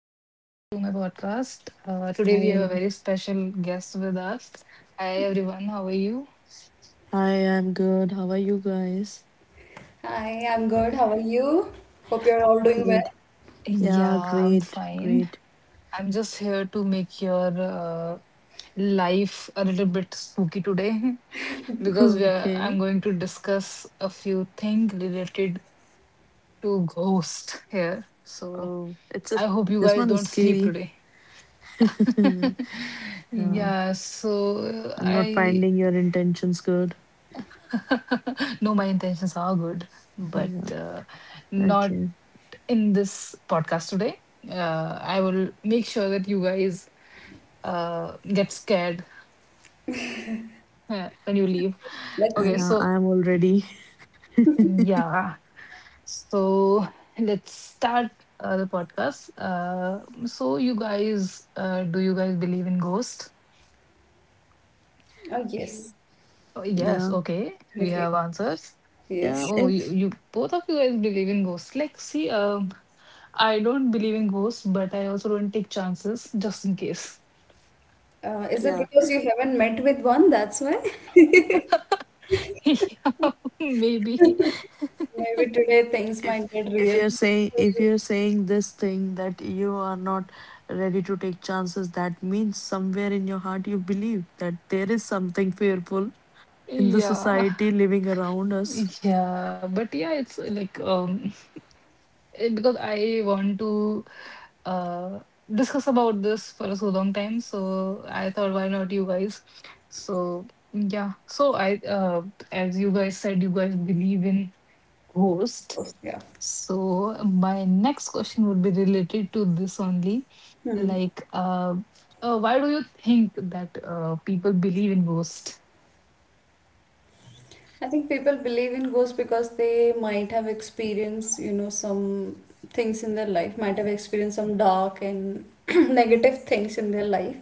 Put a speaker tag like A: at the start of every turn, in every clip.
A: Welcome to my podcast. Today, we have
B: Hi,
A: a very special guest with us. Hi, everyone. How are you?
B: hi, I'm good. How are you guys?
C: Hi, I'm good. How are you? Hope you're all doing
B: Great.
C: well.
B: Yeah,
A: Yeah, I'm
B: great,
A: fine.
B: great.
A: I'm just here to make your life a little bit spooky today because
B: Okay.
A: I'm going to discuss a few things related to ghost here. So,
B: Oh, it's a
A: I hope you
B: this
A: guys
B: one is
A: don't sleep
B: scary.
A: today.
B: Yeah,
A: Yeah, so
B: I'm not
A: I
B: finding your intentions good.
A: no, my intentions are good, but
B: Yeah,
A: not
B: okay.
A: in this podcast today. I will make sure that you guys get scared when you leave.
C: Let's
A: Okay,
C: see.
B: I'm already.
A: yeah, so let's start the podcast. Do you guys believe in ghosts?
C: Oh,
B: Mm.
C: yes,
A: Oh, yes,
B: Yeah,
A: okay, we
C: definitely.
A: have answers.
B: yeah.
C: Yes.
A: Oh, you,
B: If
A: you both of you guys believe in ghosts. Like, see, I don't believe in ghosts, but I also don't take chances just in case.
C: Is it
B: Yeah,
C: because you haven't met with one? That's why?
A: Yeah, maybe,
C: Maybe today things
B: if
C: might get
B: if
C: real.
B: you're saying this thing that you are not ready to take chances, that means somewhere in your heart you believe that there is something fearful in the
A: yeah,
B: society living around us.
A: yeah, but yeah, it's like, because I want to uh discuss about this for so long time, so I thought, why not you guys? So yeah, so I as you guys said, you guys believe in ghosts.
C: Yeah.
A: So my next question would be related to this only.
C: Hmm.
A: Like, uh, why do you think that people believe in ghosts?
C: I think people believe in ghosts because they might have experienced, you know, some things in their life, might have experienced some dark and negative things in their life.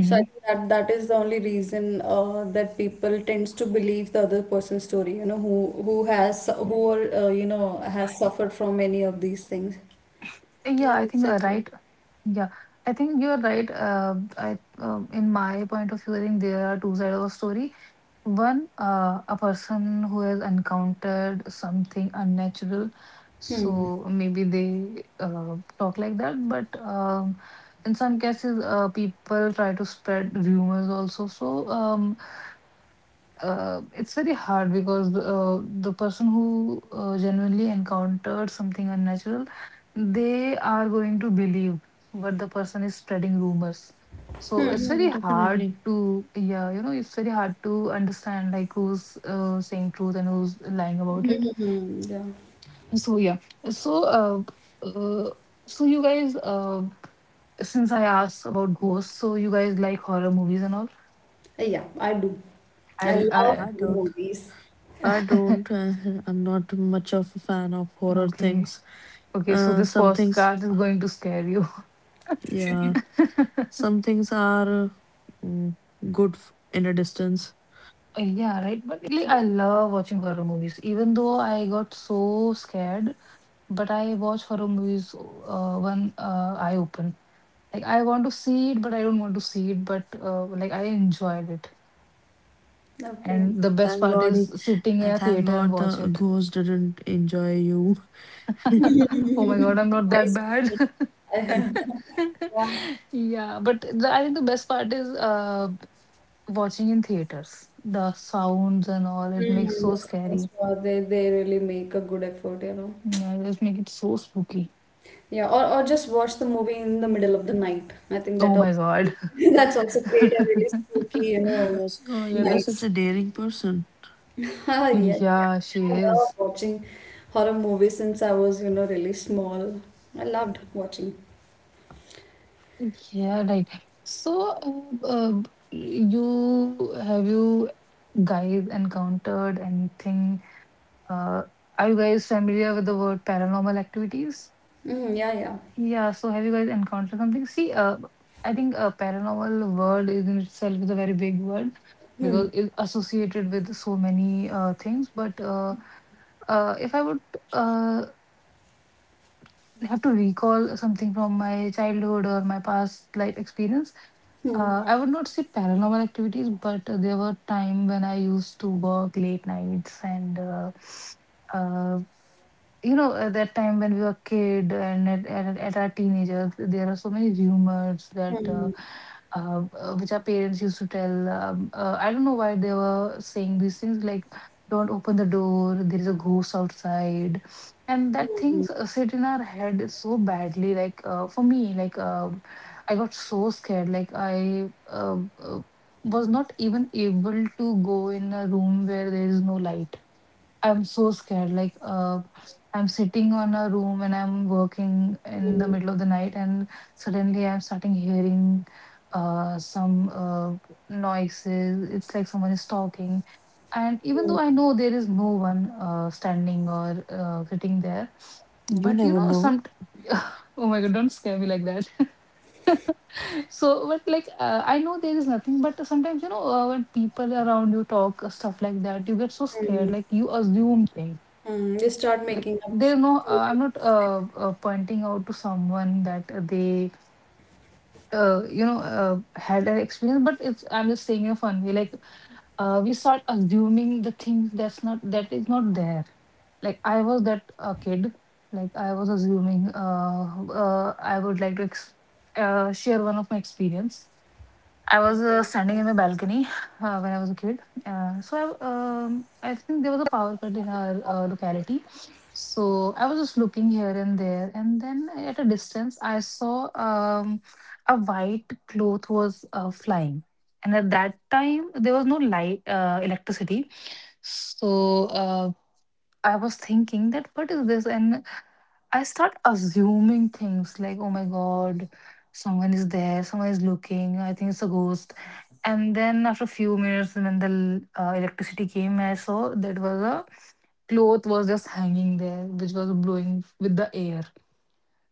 C: So I think that that is the only reason that people tends to believe the other person's story, you know, who has who are, you know has suffered from any of these things.
A: Yeah,
B: Yeah,
A: I think,
B: exactly.
A: right. Yeah, I think you're right. I In my point of view, I think there are two sides of a story. One, a person who has encountered something unnatural,
C: Hmm.
A: so maybe they talk like that. But in some cases, people try to spread rumors also. So it's very hard because the person who genuinely encountered something unnatural, they are going to believe what the person is spreading rumors. so it's
B: Yeah,
A: very hard
B: definitely.
A: to yeah you know it's very hard to understand, like, who's saying truth and who's lying about it.
C: Yeah.
A: So yeah so uh, uh so you guys, since I asked about ghosts, so you guys like horror movies and all?
C: Yeah, I do. I
A: I'll
C: love
A: I
B: I
C: horror
B: don't.
C: movies.
B: I don't. I'm not much of a fan of horror
A: Okay,
B: things.
A: okay, so this
B: Some things,
A: podcast is going to scare you.
B: yeah, some things are mm, good in a distance.
A: Yeah, right. But, like,
C: So,
A: I love watching horror movies, even though I got so scared. But I watch horror movies when I open. Like, I want to see it, but I don't want to see it. But like, I enjoyed it,
C: okay.
A: and the best
B: Thank
A: part
B: God.
A: is sitting in a
B: Thank
A: theater and
B: God the
A: watch it.
B: ghost didn't enjoy you.
A: Oh my God, I'm not
C: Why
A: that
C: is it
A: bad.
C: so-? Yeah.
A: Yeah, but I think the best part is watching in theaters. The sounds and all, it makes
C: Mm, the
A: so
C: South
A: scary.
C: War, they really make a good effort, you know.
A: Yeah, it just make it so spooky.
C: Yeah, or just watch the movie in the middle of the night. I think that
A: Oh my
C: also
A: God.
C: that's also create a really spooky, you know,
B: Yes,
A: Oh, yeah,
B: you're
C: night.
B: such a daring person.
C: Ah, yeah, yeah.
A: she
C: I love
A: is.
C: watching horror movies since I was, you know, really small. I loved watching.
A: Yeah, right. So, you guys encountered anything? Uh, are you guys familiar with the word paranormal activities?
C: Mm, yeah, yeah.
A: Yeah, so have you guys encountered something? See, I think a paranormal word is in itself is a very big word
C: Hmm.
A: because it's associated with so many things. But if I would uh, have to recall something from my childhood or my past life experience,
C: Hmm.
A: I would not say paranormal activities, but there were time when I used to work late nights, and uh, at that time when we were kid, and at our teenagers, there are so many rumors that
C: Hmm.
A: which our parents used to tell. I don't know why they were saying these things like, "Don't open the door. There is a ghost outside," and that things sit in our head so badly. Like, for me, I got so scared. Like I. Was not even able to go in a room where there is no light. I'm so scared. Like, I'm sitting on a room and I'm working in the middle of the night, and suddenly I'm starting hearing some noises. It's like someone is talking. And even
C: Hmm.
A: though I know there is no one standing or sitting there,
B: You
A: but you
B: never
A: know,
B: know.
A: some. Oh my God, don't scare me like that. So, but, like, I know there is nothing, but sometimes, when people around you talk stuff like that, you get so scared,
C: Hmm.
A: like you assume things.
C: Hmm. You start
A: Like,
C: making up
A: there is I'm not
C: stories.
A: pointing out to someone that they uh, you know uh, had that experience, but it's I'm just saying in a fun way, like, we start assuming the things that's not, that is not there. Like, I was that kid. Like, I was assuming, I would like to share one of my experience. I was
B: Okay.
A: standing
B: Yeah.
A: in my balcony when I was a kid. I think there was a power cut in our locality. So I was just looking here and there, and then at a distance, I saw a white cloth was flying. And at that time, there was no light, electricity. So I was thinking that what is this? And I start assuming things like, oh my God, someone is there, someone is looking, I think it's a ghost. And then after a few minutes, when the electricity came, I saw that was a cloth was just hanging there, which was blowing with the air.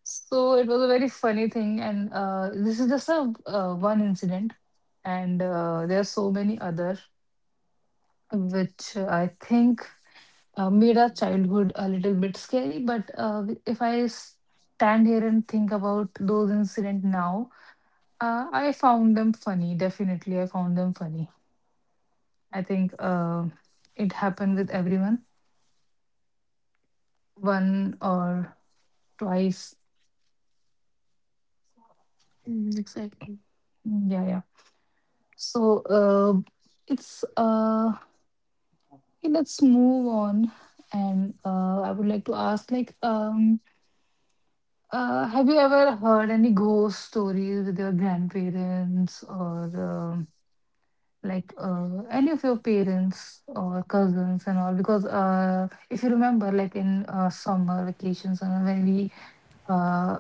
A: So it was a very funny thing, and this is just a one incident, and there are so many other which I think made our childhood a little bit scary. But if I stand here and think about those incidents now, I found them funny. Definitely, I found them funny. I think it happened with everyone one or twice.
B: Mm, exactly.
A: Yeah, yeah. So, it's yeah, let's move on, and I would like to ask, like. Have you ever heard any ghost stories with your grandparents, or like, any of your parents or cousins and all? Because if you remember, like, in summer vacations, and when we uh,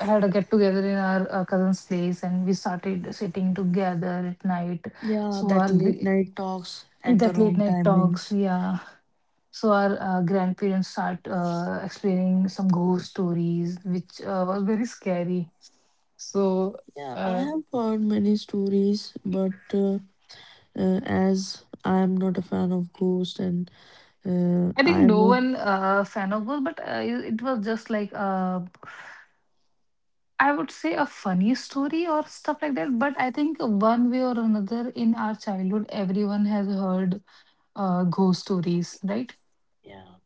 A: had a get together in our cousin's place, and we started sitting together at night,
B: Yeah,
A: so our
B: that late
A: gr-
B: night talks at the
A: that late
B: wrong
A: night talks,
B: timings.
A: yeah, so our grandparents start explaining some ghost stories which was very scary. so
B: Yeah, I
A: uh,
B: have heard many stories, but as I am not a fan of ghosts, and
A: I think
B: I am
A: no
B: more.
A: one fan of ghosts, but it it was just like, I would say, a funny story or stuff like that. But I think, one way or another, in our childhood, everyone has heard ghost stories, right?
B: yeah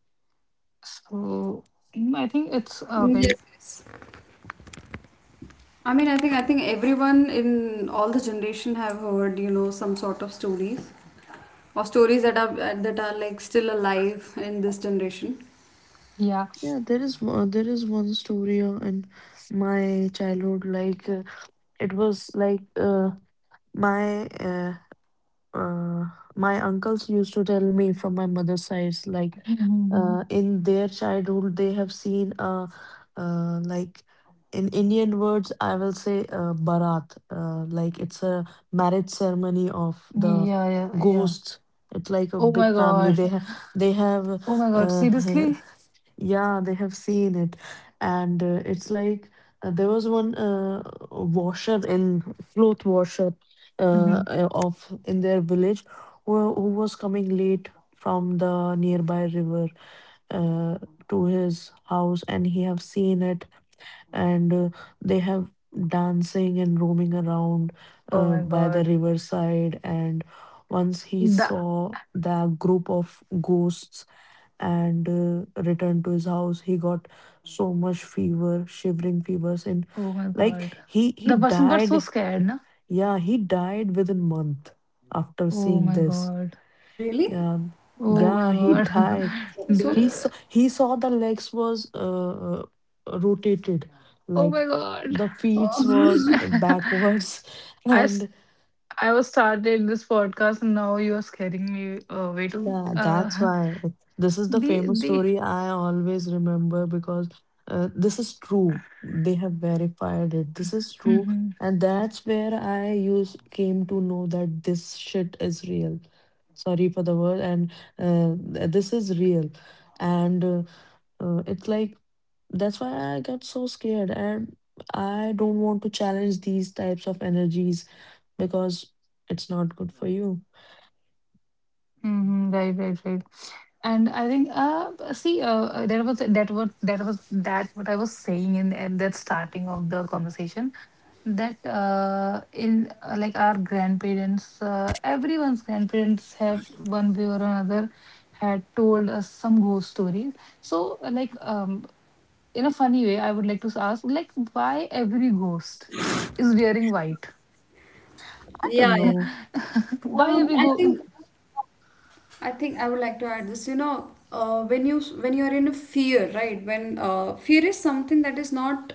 A: So, I think it's a very,
C: Yes, yes. I mean, I think everyone in all the generation have heard, you know, some sort of stories or stories that are like still alive in this generation.
A: yeah.
B: yeah there is one story in my childhood. Like it was like my Uh, my uncles used to tell me from my mother's side, like
A: Mhm.
B: in their childhood, they have seen, like, in Indian words, I will say barat, like it's a marriage ceremony of the
A: Yeah, yeah, yeah.
B: ghosts. It's like a
A: Oh
B: big
A: my
B: family.
A: God!
B: They have
A: Oh my God!
B: uh,
A: Seriously?
B: Yeah, they have seen it. And it's like there was one washer, in cloth washer,
A: Hmm.
B: of in their village, who, was coming late from the nearby river uh, to his house, and he have seen it, and they have dancing and roaming around
A: Oh my
B: by the
A: God!
B: riverside. And once he
A: The
B: saw the group of ghosts and returned to his house, he got so much fever, shivering fevers, and
A: Oh my God!
B: like he
A: The person got so
B: died.
A: scared, na?
B: Yeah, he died within month after
A: Oh
B: seeing
A: my
B: this.
A: God!
C: Oh, really?
B: Yeah,
C: That-
A: Oh my
B: yeah,
C: That's
B: he
C: so
A: God!
C: drastic.
B: died.
C: So,
B: He saw
A: Duh.
B: he saw the legs was rotated,
A: Oh
B: like
A: my God!
B: the feet was backwards.
A: I s-
B: And.
A: I was started this podcast, and now you are scaring me away to
B: Yeah, that's why. This is the famous
A: the
B: story I always remember, because this is true. They have verified it. This is true.
A: Hmm,
B: And that's where I use came to know that this shit is real. Sorry for the word. And this is real. And it's like, that's why I got so scared. And I don't want to challenge these types of energies, because it's not good for you.
A: hmm. Right, right, right. And I think, see, that was that what that was that what I was saying in at that starting of the conversation, that, in, like, our grandparents, everyone's grandparents have, one way or another, had told us some ghost stories. So, like, in a funny way, I would like to ask, like, why every ghost is wearing white?
B: I
C: yeah,
B: don't
C: yeah.
B: know.
A: Why
C: Um, I
A: every
C: think.
A: go?
C: I think I would like to add this. You know, when you are in a fear, right? When fear is something that is not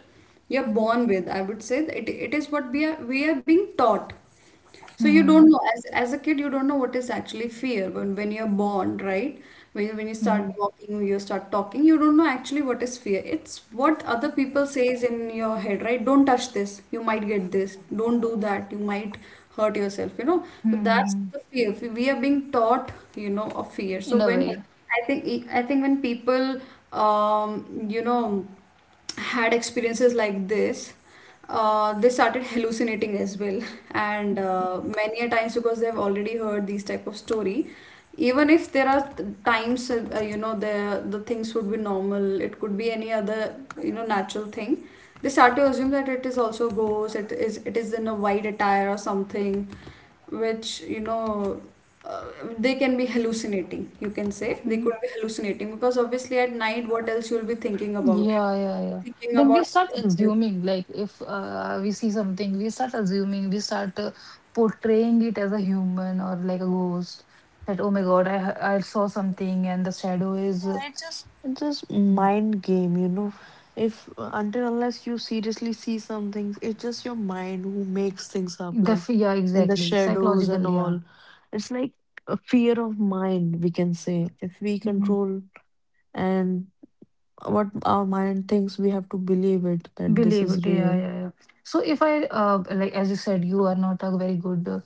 C: you're born with. I would say it is what we are being taught. So you
A: Hmm,
C: don't know, as a kid you don't know what is actually fear when you're born, right? When you
A: hmm,
C: start walking, you start talking, you don't know actually what is fear. It's what other people says in your head, right? Don't touch this, you might get this. Don't do that, you might hurt yourself, you know. So
A: hmm,
C: that's
A: hmm.
C: the fear. We are being taught, you know, of fear. So
A: In a
C: when
A: way.
C: I think when people um, you know had experiences like this, they started hallucinating as well. And
A: Hmm.
C: many a times because they've already heard these type of story, even if there are times, you know the things would be normal, it could be any other, you know, natural thing. They start to assume that it is also ghost, it is in a white attire or something, which you know uh, they can be hallucinating. You can say they
A: Hmm.
C: could be hallucinating because obviously at night, what else you'll be thinking about?
A: Yeah, yeah, yeah.
C: Thinking
A: Then we
C: about.
A: start assuming, like, if we see something, we start assuming, we start portraying it as a human or like a ghost. That, oh my God, I saw something, and the shadow is.
B: Yeah, it's just
A: Mm.
B: mind game. If until unless you seriously see some things, it's just your mind who makes things up, like
A: Yeah,
B: in the
A: exactly.
B: shadows and
A: Psychological, yeah.
B: all. It's like a fear of mind, we can say. If we control and what our mind thinks, we have to believe it that this
A: Believe
B: is
A: it. Yeah,
B: real.
A: yeah, yeah. So if I like, as you said, you are not a very good,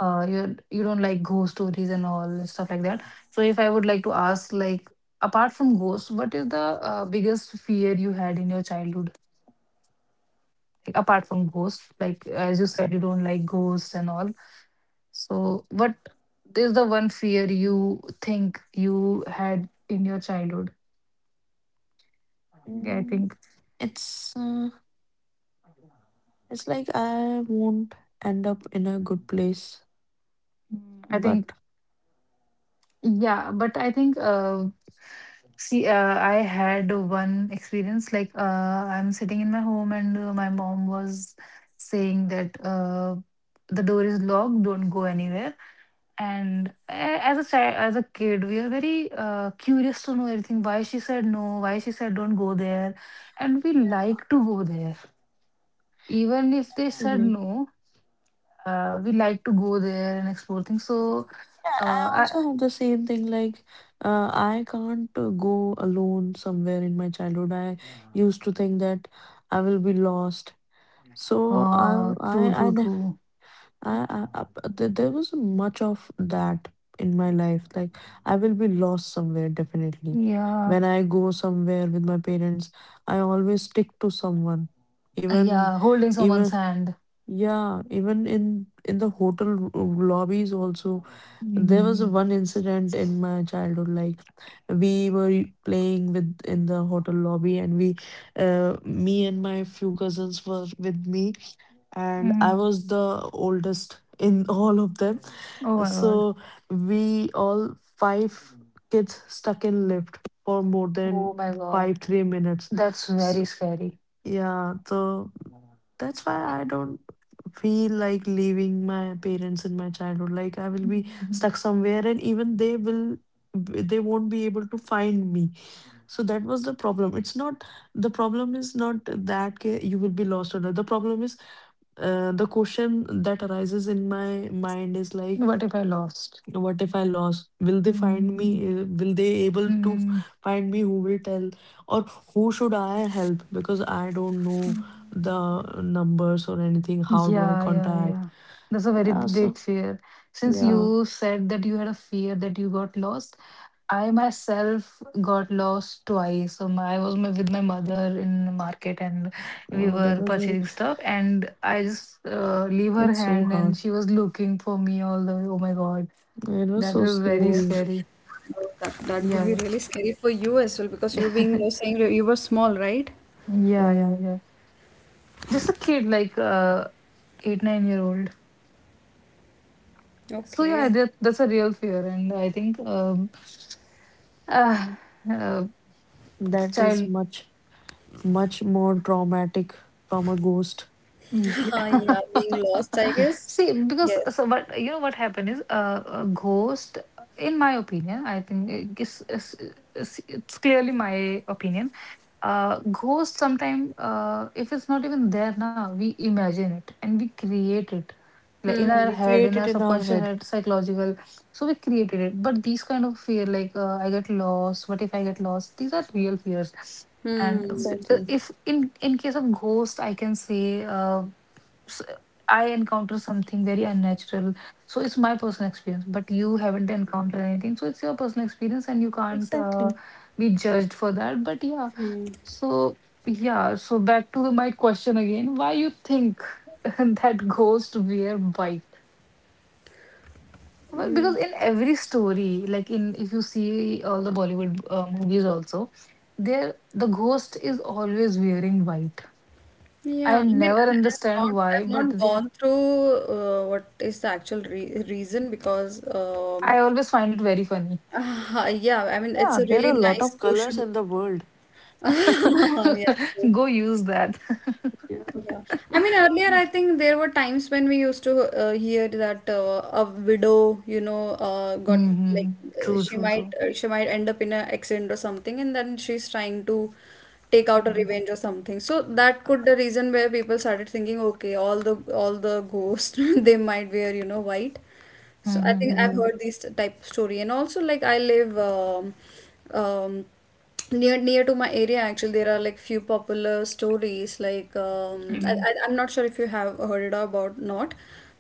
A: you you don't like ghost stories and all and stuff like that. So if I would like to ask, like, apart from ghosts, what is the biggest fear you had in your childhood? Like, apart from ghosts, like, as you said, you don't like ghosts and all. So what is the one fear you think you had in your childhood? I
B: Mm,
A: think.
B: it's uh, it's like, I won't end up in a good place,
A: Mm. I think,
B: but
A: yeah, but I think, see, I had one experience like, I'm sitting in my home, and my mom was saying that the door is locked, don't go anywhere. And, as a child, as a kid, we are very curious to know everything. Why she said no? Why she said don't go there? And we like to go there, even if they said
B: yeah.
A: no. We like to go there and explore things. So,
B: Yeah, I
A: uh, I,
B: also have the same thing. Like, I can't go alone somewhere in my childhood. I used to think that I will be lost. So
A: oh,
B: I,
A: true,
B: I,
A: true,
B: ne-
A: true.
B: I there was much of that in my life. Like, I will be lost somewhere definitely.
A: Yeah.
B: When I go somewhere with my parents, I always stick to someone. Even,
A: Yeah, holding someone's
B: even,
A: hand.
B: yeah, even in the hotel r- lobbies also. There was
A: Mm-hmm.
B: one incident in my childhood, like we were playing with in the hotel lobby, and me and my few cousins were with me, and I
A: hmm
B: was the oldest in all of them.
A: Oh my god.
B: So we all five kids stuck in lift for more than
A: Oh my
B: five,
A: god,
B: 3 minutes.
A: that's very scary.
B: Yeah, so that's why I don't feel like leaving my parents in my childhood. Like I will be
A: Mhm.
B: stuck somewhere, and even they won't be able to find me. So that was the problem. It's not The problem is not that you will be lost or not. The problem is The question that arises in my mind is like,
A: What if I lost?
B: what if I lost? Will they find me?
A: Mhm.
B: Will they able to
A: Mhm.
B: find me? Who will tell, or who should I help, because I don't know the
A: Mhm.
B: numbers or anything? How do I
A: Yeah, yeah,
B: contact?
A: yeah. That's a very
B: Yeah. So,
A: big fear. Since
B: yeah.
A: you said that you had a fear that you got lost, I myself got lost twice. So my, I was my, with my mother in the market, and we
B: Oh, that
A: were
B: was very
A: purchasing stuff. And I just leave her
B: it's so
A: hand,
B: hard.
A: and she was looking for me all the way. Oh my God.
B: It was
A: That
B: so
A: was
C: Oh,
A: very
B: scary.
A: scary.
C: that that would be
A: Yeah. Yeah.
C: really scary for you as well because you're saying you were small, right?
A: Yeah. Yeah.
B: Yeah,
A: Yeah. Just a kid, like eight, nine year old. So yeah,
C: Okay.
A: that's a real fear. And I think uh, uh,
B: that is
A: child.
B: much, much more traumatic from a ghost.
A: Yeah. See, because
C: Yes.
A: so what you know what happened is a ghost. In my opinion, I think it's clearly my opinion. Ghost sometimes if it's not even there now, we imagine it and we create it like in
B: Yeah,
A: our
C: Hmm.
B: we
A: head, in
B: create
A: our
B: it in our
A: subconscious
B: head.
A: head, psychological. So we created it. But these kind of fear, like I get lost. What if I get lost? These are real fears. And
C: Hmm.
B: Exactly,
A: if in in case of ghost, I can say. S- I encounter something very unnatural. So it's my personal experience, but you haven't encountered anything. So it's your personal experience, and you can't
B: exactly.
A: be judged for that. But yeah, so yeah, so back to my question again, why you think that ghosts wear white? Well,
C: Hmm.
A: because in every story, like in if you see all the Bollywood movies also, there the ghost is always wearing white. I
C: Yeah, I mean,
A: never
C: I, I've
A: understand
C: not,
A: why,
C: I've
A: but
C: not
A: there
C: gone through what is the actual re reason because
A: I always find it very funny.
C: Yeah, I mean, it's
B: Yeah,
C: a
B: there
C: really
B: are a lot
C: nice
B: of colors
C: question.
B: in the world.
C: Yeah, true.
A: Go use that.
B: Yeah.
C: Yeah. I mean, earlier, I think there were times when we used to hear that a widow, you know, got like
A: Hmm. True,
C: she
A: true,
C: might
A: true.
C: uh, she might end up in an accident or something, and then she's trying to take out a revenge or something. So that could the reason where people started thinking, okay, all the ghosts they might wear, you know, white. So I think I've
A: Mm-hmm.
B: Yeah,
C: heard these type of story, and also like I live, um, near to my area. Actually there are like few popular stories like, I,
A: Hmm.
C: I, I'm not sure if you have heard it about not,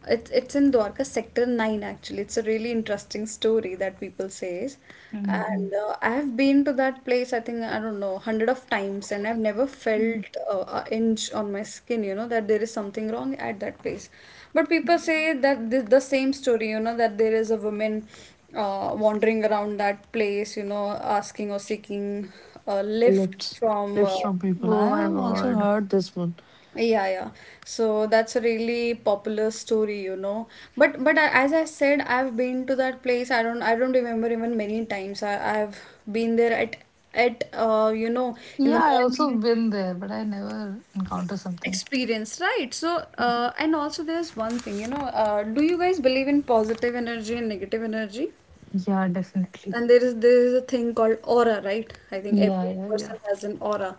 C: it's in Dwarka sector 9. Actually it's a really interesting story that people says,
A: Hmm.
C: and I have been to that place I think I don't know hundred of times, and I've never felt a inch on my skin, you know, that there is something wrong at that place. But people say that the same story, you know, that there is a woman wandering around that place, you know, asking or seeking a lift
B: lips.
C: from.
B: Lips from people.
A: Oh
B: I
A: my
C: Yeah,
B: have
C: yeah,
B: also
A: god.
B: heard this one.
C: yeah, yeah. So that's a really popular story, you know. But I, as I said, I've been to that place. I don't remember even many times. I've been there at you know in the
A: Yeah, I also
C: morning
A: been there, but I never encounter something.
C: experience, right? So and also there's one thing, you know. Do you guys believe in positive energy and negative energy?
A: Yeah, definitely.
C: And there is a thing called aura, right? I think
A: Yeah,
C: every
A: yeah,
C: person
A: yeah.
C: has an aura.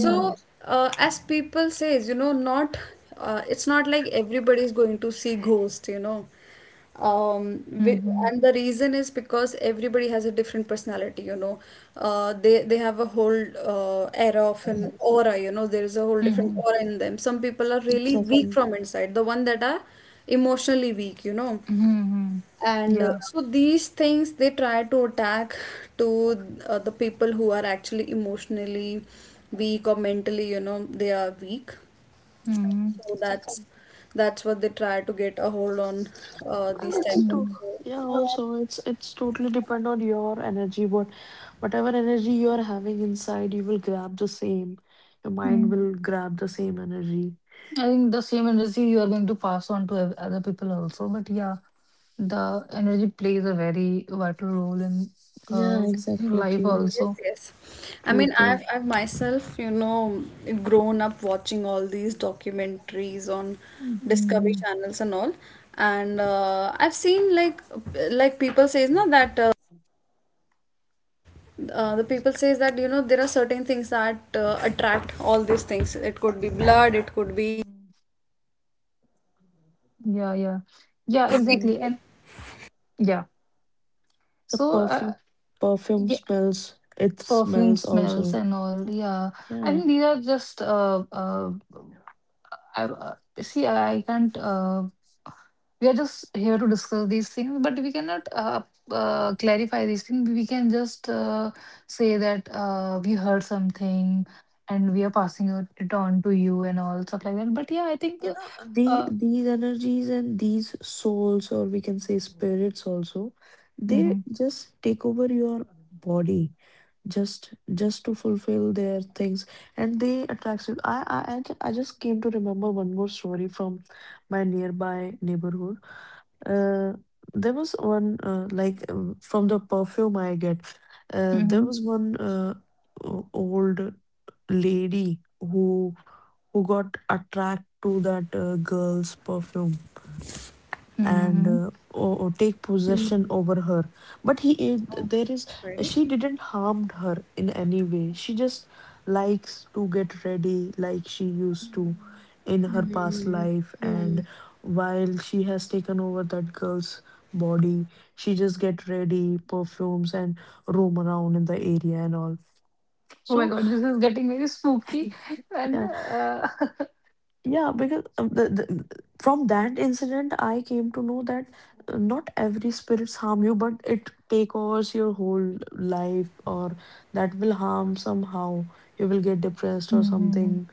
A: Mm-hmm.
C: as people says, you know, not it's not like everybody is going to see ghost, you know. Um, wi-
A: Mm-hmm.
C: and the reason is because everybody has a different personality, you know. They have a whole era of an aura, you know. There is a whole different aura in them. Some people are really weak
B: exactly.
C: from inside, the one that are emotionally weak, you know.
A: Mm-hmm.
C: And
A: Yeah.
C: so these things they try to attack to, the people who are actually emotionally weak or mentally, you know, they are weak.
A: Mm-hmm.
C: So that's
B: Exactly.
C: that's what they try to get a hold on,
B: Well,
C: these
B: it's a
C: types of.
B: to
A: Mm-hmm.
C: So,
B: yeah, also, it's totally depend on your energy. Whatever energy you are having inside, you will grab the same. Your mind will grab the same energy.
A: I think the same energy you are going to pass on to other people also. But yeah, the energy plays a very vital role uh
B: Yeah,
A: in
B: exactly.
A: life
B: True.
C: yes,
A: also.
C: yes. I
B: True,
C: mean,
B: true.
C: I've myself, you know, grown up watching all these documentaries on Discovery
A: Mhm.
C: channels and all, and I've seen like, people says na that. The people says that you know there are certain things that attract all these things, it could be blood, it could be,
A: Mhm. Yeah, yeah,
C: it
A: yeah,
C: could be
B: Yeah.
A: exactly, and yeah.
B: The
A: So
B: perfume
A: yeah,
B: smells. It
A: perfume
B: smells
A: smells
B: also.
A: and all, yeah. I
B: Yeah.
A: think these are just I, uh, see, I can't we are just here to discuss these things, but we cannot clarify these things. We can just say that we heard something, and we are passing it on to you and all stuff like that. But yeah, I think
B: You know,
A: uh,
B: these energies and these souls, or we can say spirits also, they
A: mhm,
B: just take over your body, just just to fulfill their things. And they attract you. I just came to remember one more story from my nearby neighborhood. uh, there was one, like, from the perfume I get. There
A: mhm,
B: was one old lady, who, got attracted to that girl's perfume, and
A: mhm.
B: take possession over her. But he I- there is
C: Ready?
B: she didn't harmed her in any way. She just likes to get ready like she used to
A: Mm.
B: in her past life, and while she has taken over that girl's body, she just get ready perfumes and roam around in the area and all.
A: Oh my
B: So
A: god, this is getting very spooky. And
B: yeah.
A: uh,
B: Yeah, because from that incident, I came to know that not every spirits harm you, but it take overs your whole life, or that will harm somehow. You will get depressed or
A: hmm.
B: something,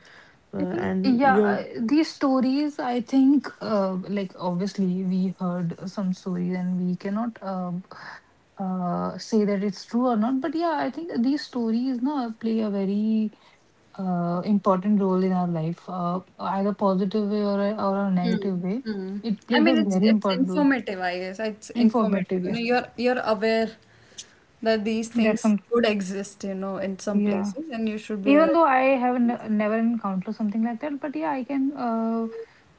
A: I think,
B: and
A: yeah,
B: your.
A: I- these stories, I think, like obviously we heard some stories and we cannot say that it's true or not. But yeah, I think these stories, no, play a very important role in our life, either positive way or a negative way.
C: Mm.
A: It
C: I
A: plays a
C: mean it's
A: very
B: Yeah.
C: it's
A: important role.
C: informative, I guess it's informative,
A: Informative,
C: you
A: yeah.
C: know you're aware that these
A: That's
C: things
A: some,
C: could exist, you know, in some
A: yeah.
C: places and you should be aware.
A: Even though I have never encountered something like that, but yeah, I can uh,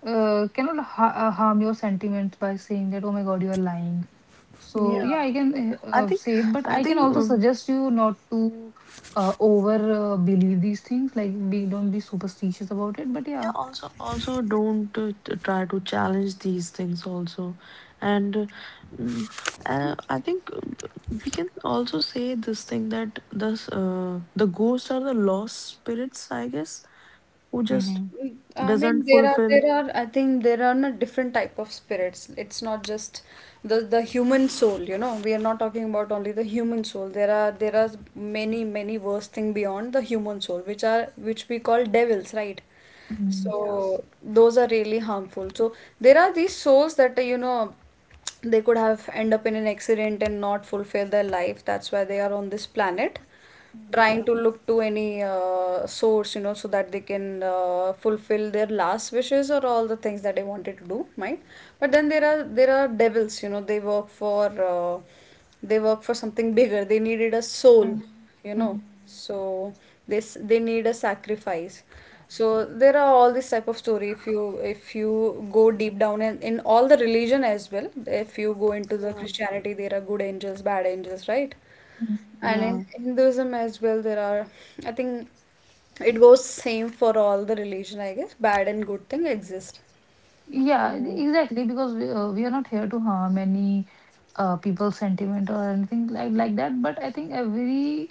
A: uh, cannot harm your sentiments by saying that, oh my God, you are lying.
C: Yeah.
A: So yeah,
B: Yeah,
A: I can
B: I think
A: say it, but
B: I
A: I can
B: think.
A: also suggest you not to over believe these things. Like, be don't be superstitious about it. But
B: Yeah,
A: yeah.
B: also also don't try to challenge these things also. And mm, I think we can also say this thing that this the ghosts are the lost spirits, I guess, who just
A: Hmm.
C: I
B: doesn't
C: mean, there are
B: fulfill.
C: there are I think there are not different type of spirits. It's not just the human soul, you know. We are not talking about only the human soul. There are many many worse thing beyond the human soul, which we call devils, right?
A: Mhm.
B: Yeah,
C: So those are really harmful. So there are these souls that you know they could have end up in an accident and not fulfill their life. That's why they are on this planet trying
B: yeah,
C: to look to any source, you know, so that they can fulfill their last wishes or all the things that they wanted to do, right? But then there are devils, you know, uh, they work for something bigger. They needed a soul,
A: Mhm.
C: you know,
A: Mhm.
C: so this they need a sacrifice. So there are all this type of story. If you go deep down in all the religion as well, if you go into the
B: yeah,
C: Christianity, there are good angels, bad angels, right?
A: Mhm.
C: And in
B: yeah,
C: Hinduism as well, there are, I think it goes same for all the religion, I guess. Bad and good thing exist.
A: Yeah,
B: yeah.
A: exactly, because we are not here to harm any people's sentiment or anything like that. But I think every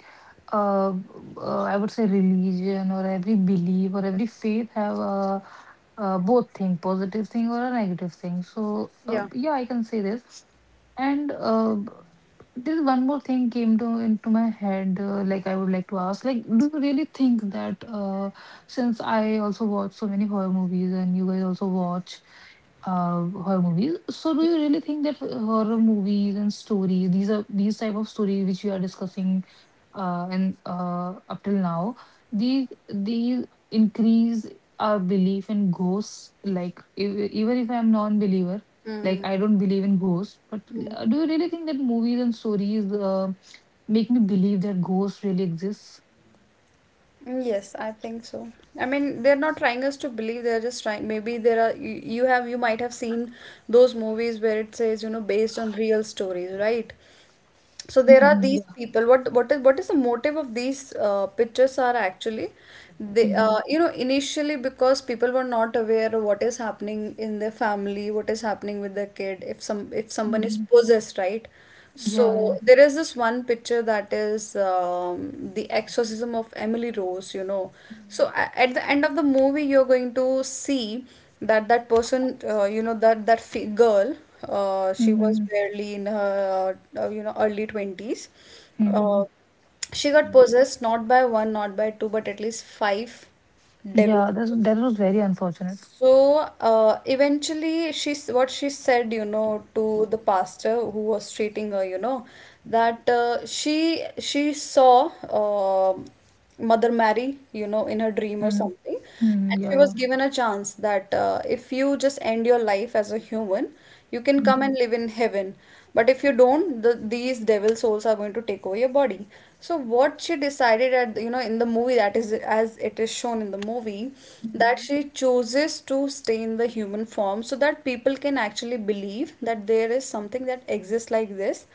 A: uh, I would say religion, or every belief, or every faith have a, uh, both thing, positive thing or a negative thing. So
C: Yeah.
A: yeah, I can say this. And this one more thing came to into my head. Like I would like to ask, like, do you really think that since I also watch so many horror movies, and you guys also watch horror movies. So do you really think that horror movies and stories, these are these type of stories which we are discussing, and up till now, these increase our belief in ghosts. Like even if I'm non-believer, like
C: Mm.
A: I don't believe in ghosts, but do you really think that movies and stories make me believe that ghosts really exists?
C: Yes, I think so. I mean, they're not trying us to believe, they're just trying. Maybe there are, you might have seen those movies where it says, you know, based on real stories, right? So there are
A: Mhm,
C: these
A: yeah.
C: people. What is the motive of these, pictures are actually they,
A: Hmm.
C: you know, initially, because people were not aware of what is happening in their family, what is happening with their kid, if someone is
A: Hmm.
C: possessed, right?
A: Yeah.
C: So
A: Yeah.
C: there is this one picture that is, the exorcism of Emily Rose, you know. So at the end of the movie, you're going to see that person, you know, that that fi girl, she was
A: Hmm.
C: barely in her, you know, early 20s. Uh,
A: Hmm.
C: she got
B: Mhm.
C: possessed not by one, not by two, but at least five devils.
A: Yeah, that's, that was very unfortunate.
C: So eventually, she's what she said, you know, to the pastor who was treating her, you know, that she saw Mother Mary, you know, in her dream or
A: Mm.
C: something,
A: Mm,
C: and she
A: yeah,
C: was
A: yeah.
C: given a chance that if you just end your life as a human, you can
A: Mm,
C: come and live in heaven. But if you don't, these devil souls are going to take over your body. So what she decided at you know in the movie, that is as it is shown in the movie, that
A: mm,
C: she chooses to stay in the human form so that people can actually believe that there is something that exists like this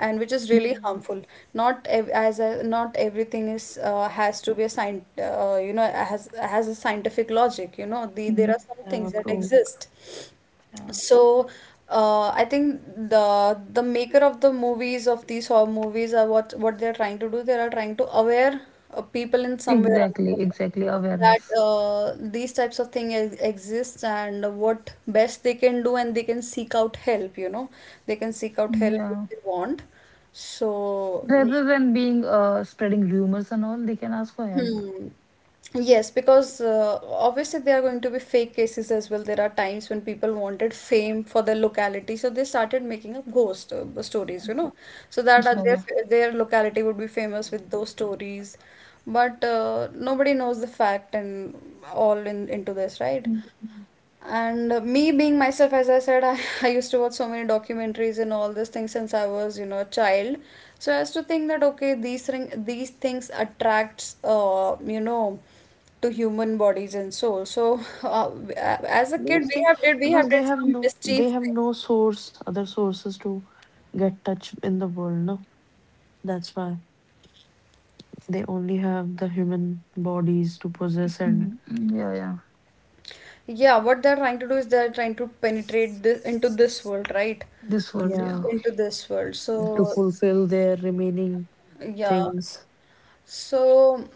C: and which is really
A: mm,
C: harmful. Not ev- as a, Not everything is has to be a scient has a scientific logic, you know. There
A: mm.
C: are some
B: Yeah,
C: things that
B: true.
C: exist.
B: Yeah.
C: So, I think the maker of the movies, of these horror movies, are what they're trying to do, they are trying to aware people in some way or
A: Exactly,
C: another way,
A: exactly.
C: that
A: Awareness.
C: these types of thing ex exist, and what best they can do, and they can seek out help, you know. They can seek out help if
A: Yeah.
C: they want. So,
A: Rather than being spreading rumors and all, they can ask for help.
C: hmm. Yes, because obviously there are going to be fake cases as well. There are times when people wanted fame for their locality, so they started making up ghost stories, you know, so that
A: Yeah, yeah.
C: their locality would be famous with those stories. But nobody knows the fact and all in into this, right?
A: Mm, mm,
C: And me being myself, as I said, I, I used to watch so many documentaries and all these things since I was, you know, a child. So I used to think that okay, these things attracts, to human bodies and soul. So uh, as a kid,
B: Because they
C: we
B: because
C: have
B: they
C: did
B: have
C: some
B: no they
C: mischief
B: have
C: thing.
B: no source, other sources to get touch in the world, no? That's why. They only have the human bodies to possess,
A: mm,
B: and
A: mm, yeah, yeah.
C: Yeah, what they're trying to do is they're trying to penetrate this, into this world, right?
A: This world, yeah.
B: yeah,
C: Into this world.
B: to
C: So
B: fulfill their remaining
C: yeah.
B: things.
C: So,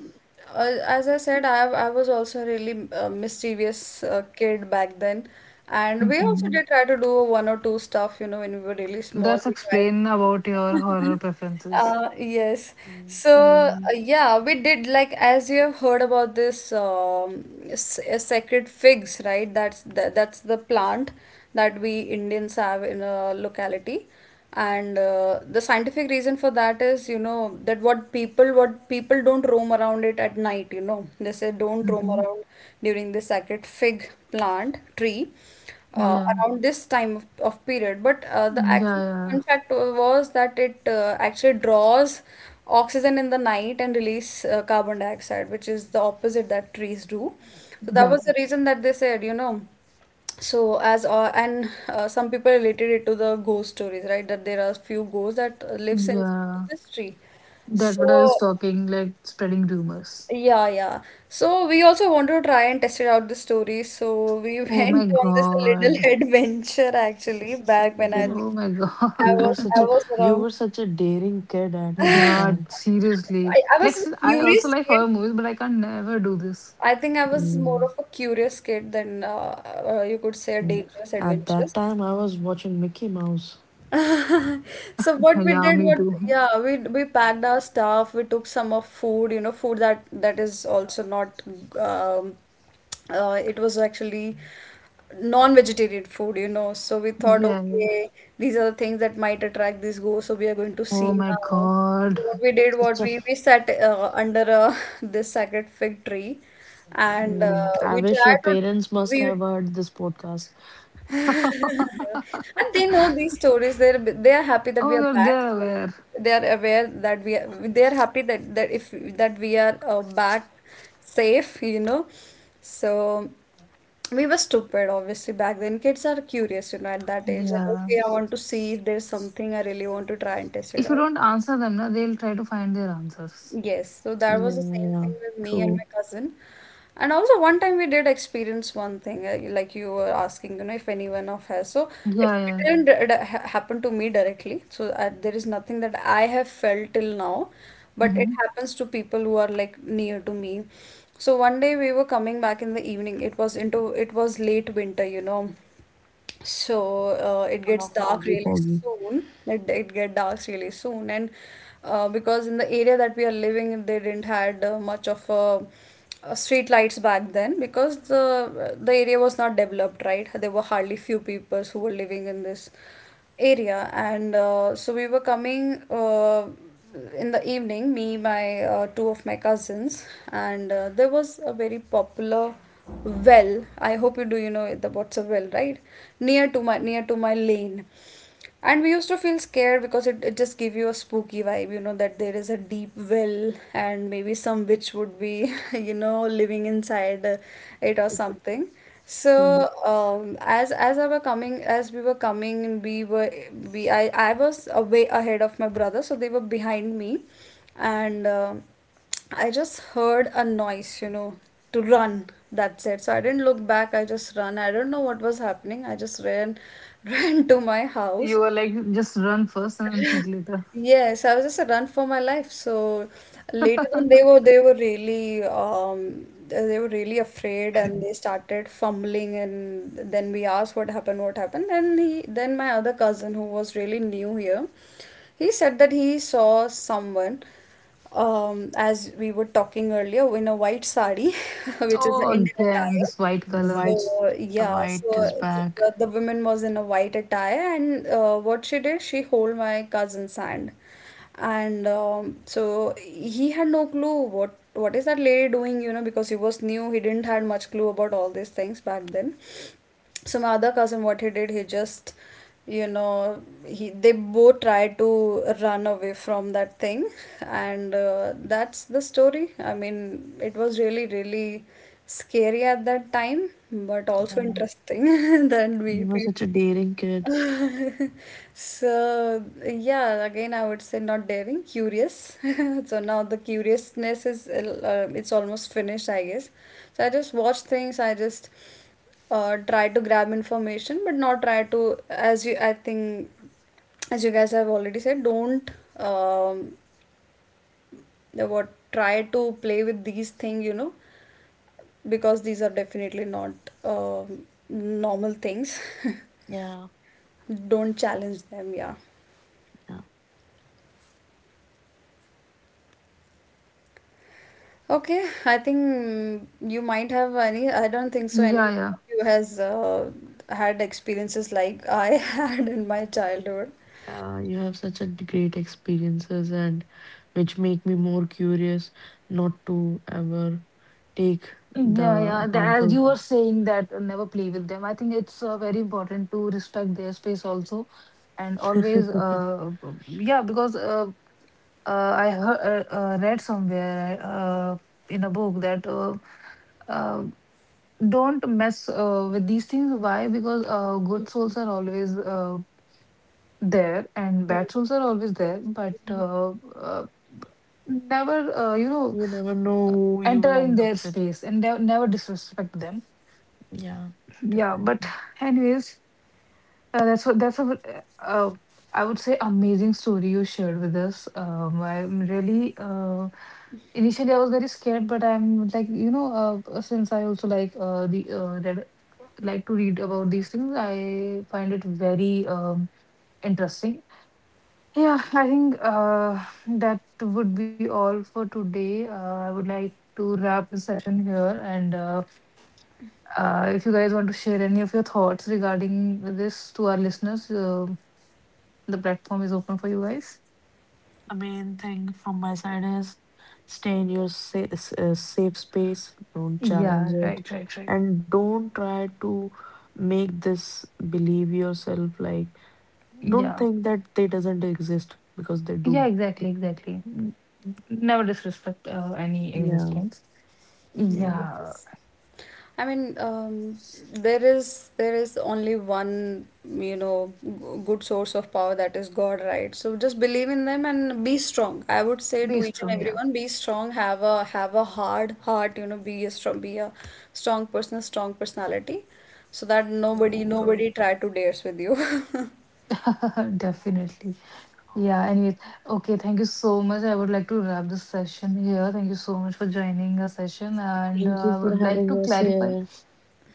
C: as I said, I was also a really mischievous kid back then, and
A: Hmm.
C: we also
A: Hmm.
C: did try to do one or two stuff, you know, when we were really small.
A: That's
C: We tried.
A: explain about your horror preferences.
C: Yes.
B: Mm.
C: So,
B: Yeah.
C: yeah, we did, like, as you have heard about this sacred figs, right? That's the plant that we Indians have in a locality. And the scientific reason for that is, you know, that what people don't roam around it at night, you know. They say don't
A: Hmm.
C: roam
A: Hmm.
C: around during the sacred fig plant tree
A: Yeah.
C: around this time of period. But the
A: Mm, yeah,
C: actual
A: yeah,
C: fun fact was that it actually draws oxygen in the night and release carbon dioxide, which is the opposite that trees do. So that
A: yeah,
C: was the reason that they said, you know, so as and some people related it to the ghost stories, right? That there are few ghosts that lives in
A: yeah.
C: this tree.
A: That what I was
C: So
A: talking, like spreading rumors.
C: yeah, yeah. So we also want to try and test it out the story. So we
A: Oh
C: went
A: my
C: on this little
A: God.
C: adventure actually back when
B: there
C: I
B: is
C: think
A: Oh my
B: you
A: god.
B: were such
C: I
B: a
C: was
B: you
C: around.
B: were such a daring kid at that
A: Yeah,
B: time.
A: seriously.
C: I
A: Like
C: was a
A: see, I also
C: curious
A: like
C: kid.
A: horror movies, but I can never do this.
C: I think I was more
B: Mm,
C: of a curious kid than you could say a
B: mm.
C: dangerous
B: At that
C: adventurous.
B: time, I was watching Mickey Mouse.
C: So what we
A: Yeah,
C: did,
A: me
C: what
A: too.
C: yeah, we packed our stuff. We took some of food, you know, food that is also not. Um, it was actually non-vegetarian food, you know. So we thought,
A: Yeah.
C: okay, these are the things that might attract these ghosts. So we are going to see
A: Oh my
C: now. So
A: god.
C: what we did,
B: Such
C: what
B: a.
C: we we sat under this sacred fig tree, and
B: Mm, I
C: we
B: wish your
C: tried to
B: parents must
C: we.
B: have heard this podcast.
A: Oh
C: And they know these stories. They are happy
A: my
C: that we are
A: god,
C: back.
A: they're
C: So
A: aware.
C: they are aware that we are, they are happy that that if that we are back safe, you know. So we were stupid, obviously, back then. Kids are curious, you know, at that age. That
A: Yeah.
C: okay, I want to see if there's something I really want to try and test it
A: If you
C: out.
A: don't answer them, na, they'll try to find their answers.
C: Yes, so that
B: Yeah,
C: was the same
B: yeah,
C: thing with me and
B: true.
C: my cousin. And also one time we did experience one thing, like you were asking, you know, if anyone of has. So
A: Yeah,
C: it
A: yeah.
C: didn't happen to me directly. So there is nothing that I have felt till now, but it
A: Hmm.
C: happens to people who are like near to me. So one day we were coming back in the evening. It was into it was late winter, you know, so it
B: Full
C: gets
B: of
C: dark
B: foggy,
C: really
B: foggy.
C: soon, it get dark really soon, and because in the area that we are living in, they didn't had much of street lights back then, because the area was not developed, right? There were hardly few people who were living in this area, and so we were coming in the evening, me, my two of my cousins, and there was a very popular well. I hope you do, you know about what's a well, right? Near to my, near to my lane, and we used to feel scared because it just gave you a spooky vibe, you know, that there is a deep well and maybe some witch would be you know, living inside it or something.
B: Mm,
C: So as we were coming, we were we I was away ahead of my brother, so they were behind me, and I just heard a noise, you know, to run. That's it. So I didn't look back. I just ran. I don't know what was happening. I just ran, ran to my house.
A: You are like just run first and think later.
C: Yes, I was just a run for my life. So later on, they were really they were really afraid, and they started fumbling. And then we asked what happened, what happened. And he then my other cousin, who was really new here, he said that he saw someone, as we were talking earlier, in a white sari, which is an
A: Oh,
C: Indian
A: again,
C: attire.
A: this white
B: the
A: color.
B: whites,
C: So
B: the
C: yeah,
B: white is
C: so
B: back.
C: the woman was in a white attire, and what she did, she hold my cousin's hand, and so he had no clue what is that lady doing, you know, because he was new, he didn't had much clue about all these things back then. So my other cousin, what he did, he just, you know, he they both tried to run away from that thing. And that's the story. I mean, it was really really scary at that time, but
B: Yeah.
C: also interesting that
B: You were
C: we.
B: such a daring kid.
C: So, yeah, again, I would say not daring, curious. So now the curiousness is, it's almost finished, I guess. So I just watch things, I just try to grab information, but not try to, as you, I think, as you guys have already said, don't um, the what try to play with these things, you know, because these are definitely not um normal things.
B: Yeah.
C: Don't challenge them, yeah.
B: Yeah,
C: Okay, I think mm, you might have any. I don't think so.
A: Yeah,
C: Anyone
A: yeah.
C: of you has had experiences like I had in my childhood.
B: yeah, you have such a great experiences, and which make me more curious not to ever take
A: Yeah,
B: the
A: yeah. As
B: harmful.
A: you were saying that never play with them. I think it's very important to respect their space also, and always, yeah, because I heard, read somewhere in a book that uh, don't mess with these things. Why? Because good souls are always there, and bad souls are always there, but never,
B: You never know who you will
A: enter
B: end
A: in
B: up
A: their
B: with.
A: space and never disrespect them.
B: Yeah,
A: Yeah,
B: definitely.
A: but anyways, that's what, that's a, uh, I would say amazing story you shared with us. I'm really initially I was very scared, but I'm like, you know, since I also like the read, like to read about these things, I find it very interesting. Yeah, I think that would be all for today. I would like to wrap the session here, and. If you guys want to share any of your thoughts regarding this to our listeners, the platform is open for you guys.
B: The main thing from my side is, stay in your safe space, don't challenge
A: Yeah,
B: it,
A: right, right, right.
B: and don't try to make this believe yourself, like. Don't
A: Yeah,
B: think that they doesn't exist, because they do.
A: yeah, exactly, exactly. N- never disrespect any
B: Yeah,
A: existence.
B: yeah.
A: Yeah,
C: Yes. I mean, there is only one, you know, good source of power, that is God, right? So just believe in them and be strong. I would say to
A: based
C: each and
A: on, yeah,
C: everyone, be strong. Have a hard heart. You know, be a strong person, a strong personality, so that
B: Yeah, true.
C: nobody try to dares with you.
A: definitely. Yeah, anyways, okay, thank you so much. I would like to wrap this session here. Thank you so much for joining the session, and
B: Thank you
A: I
B: for
A: would
B: having
A: like to
B: us
A: clarify.
B: here.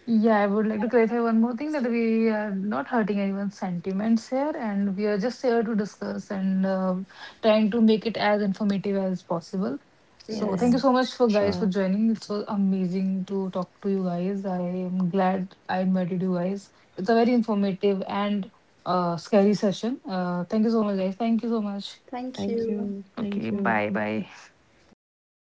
A: Yeah, I would like to clarify one more thing, that we are not hurting anyone's sentiments here, and we are just here to discuss and trying to make it as informative as possible.
B: Yeah,
A: So
B: yeah.
A: thank
C: Yes.
A: you so much for
B: Sure.
A: guys for joining. It was amazing to talk to you guys. I am glad I invited you guys. It's a very informative and scary session. Thank you so much, guys. Thank you so much.
C: Thank
B: Thank
C: you.
B: you. Thank
A: Okay,
B: you.
A: bye bye.
B: Bye bye.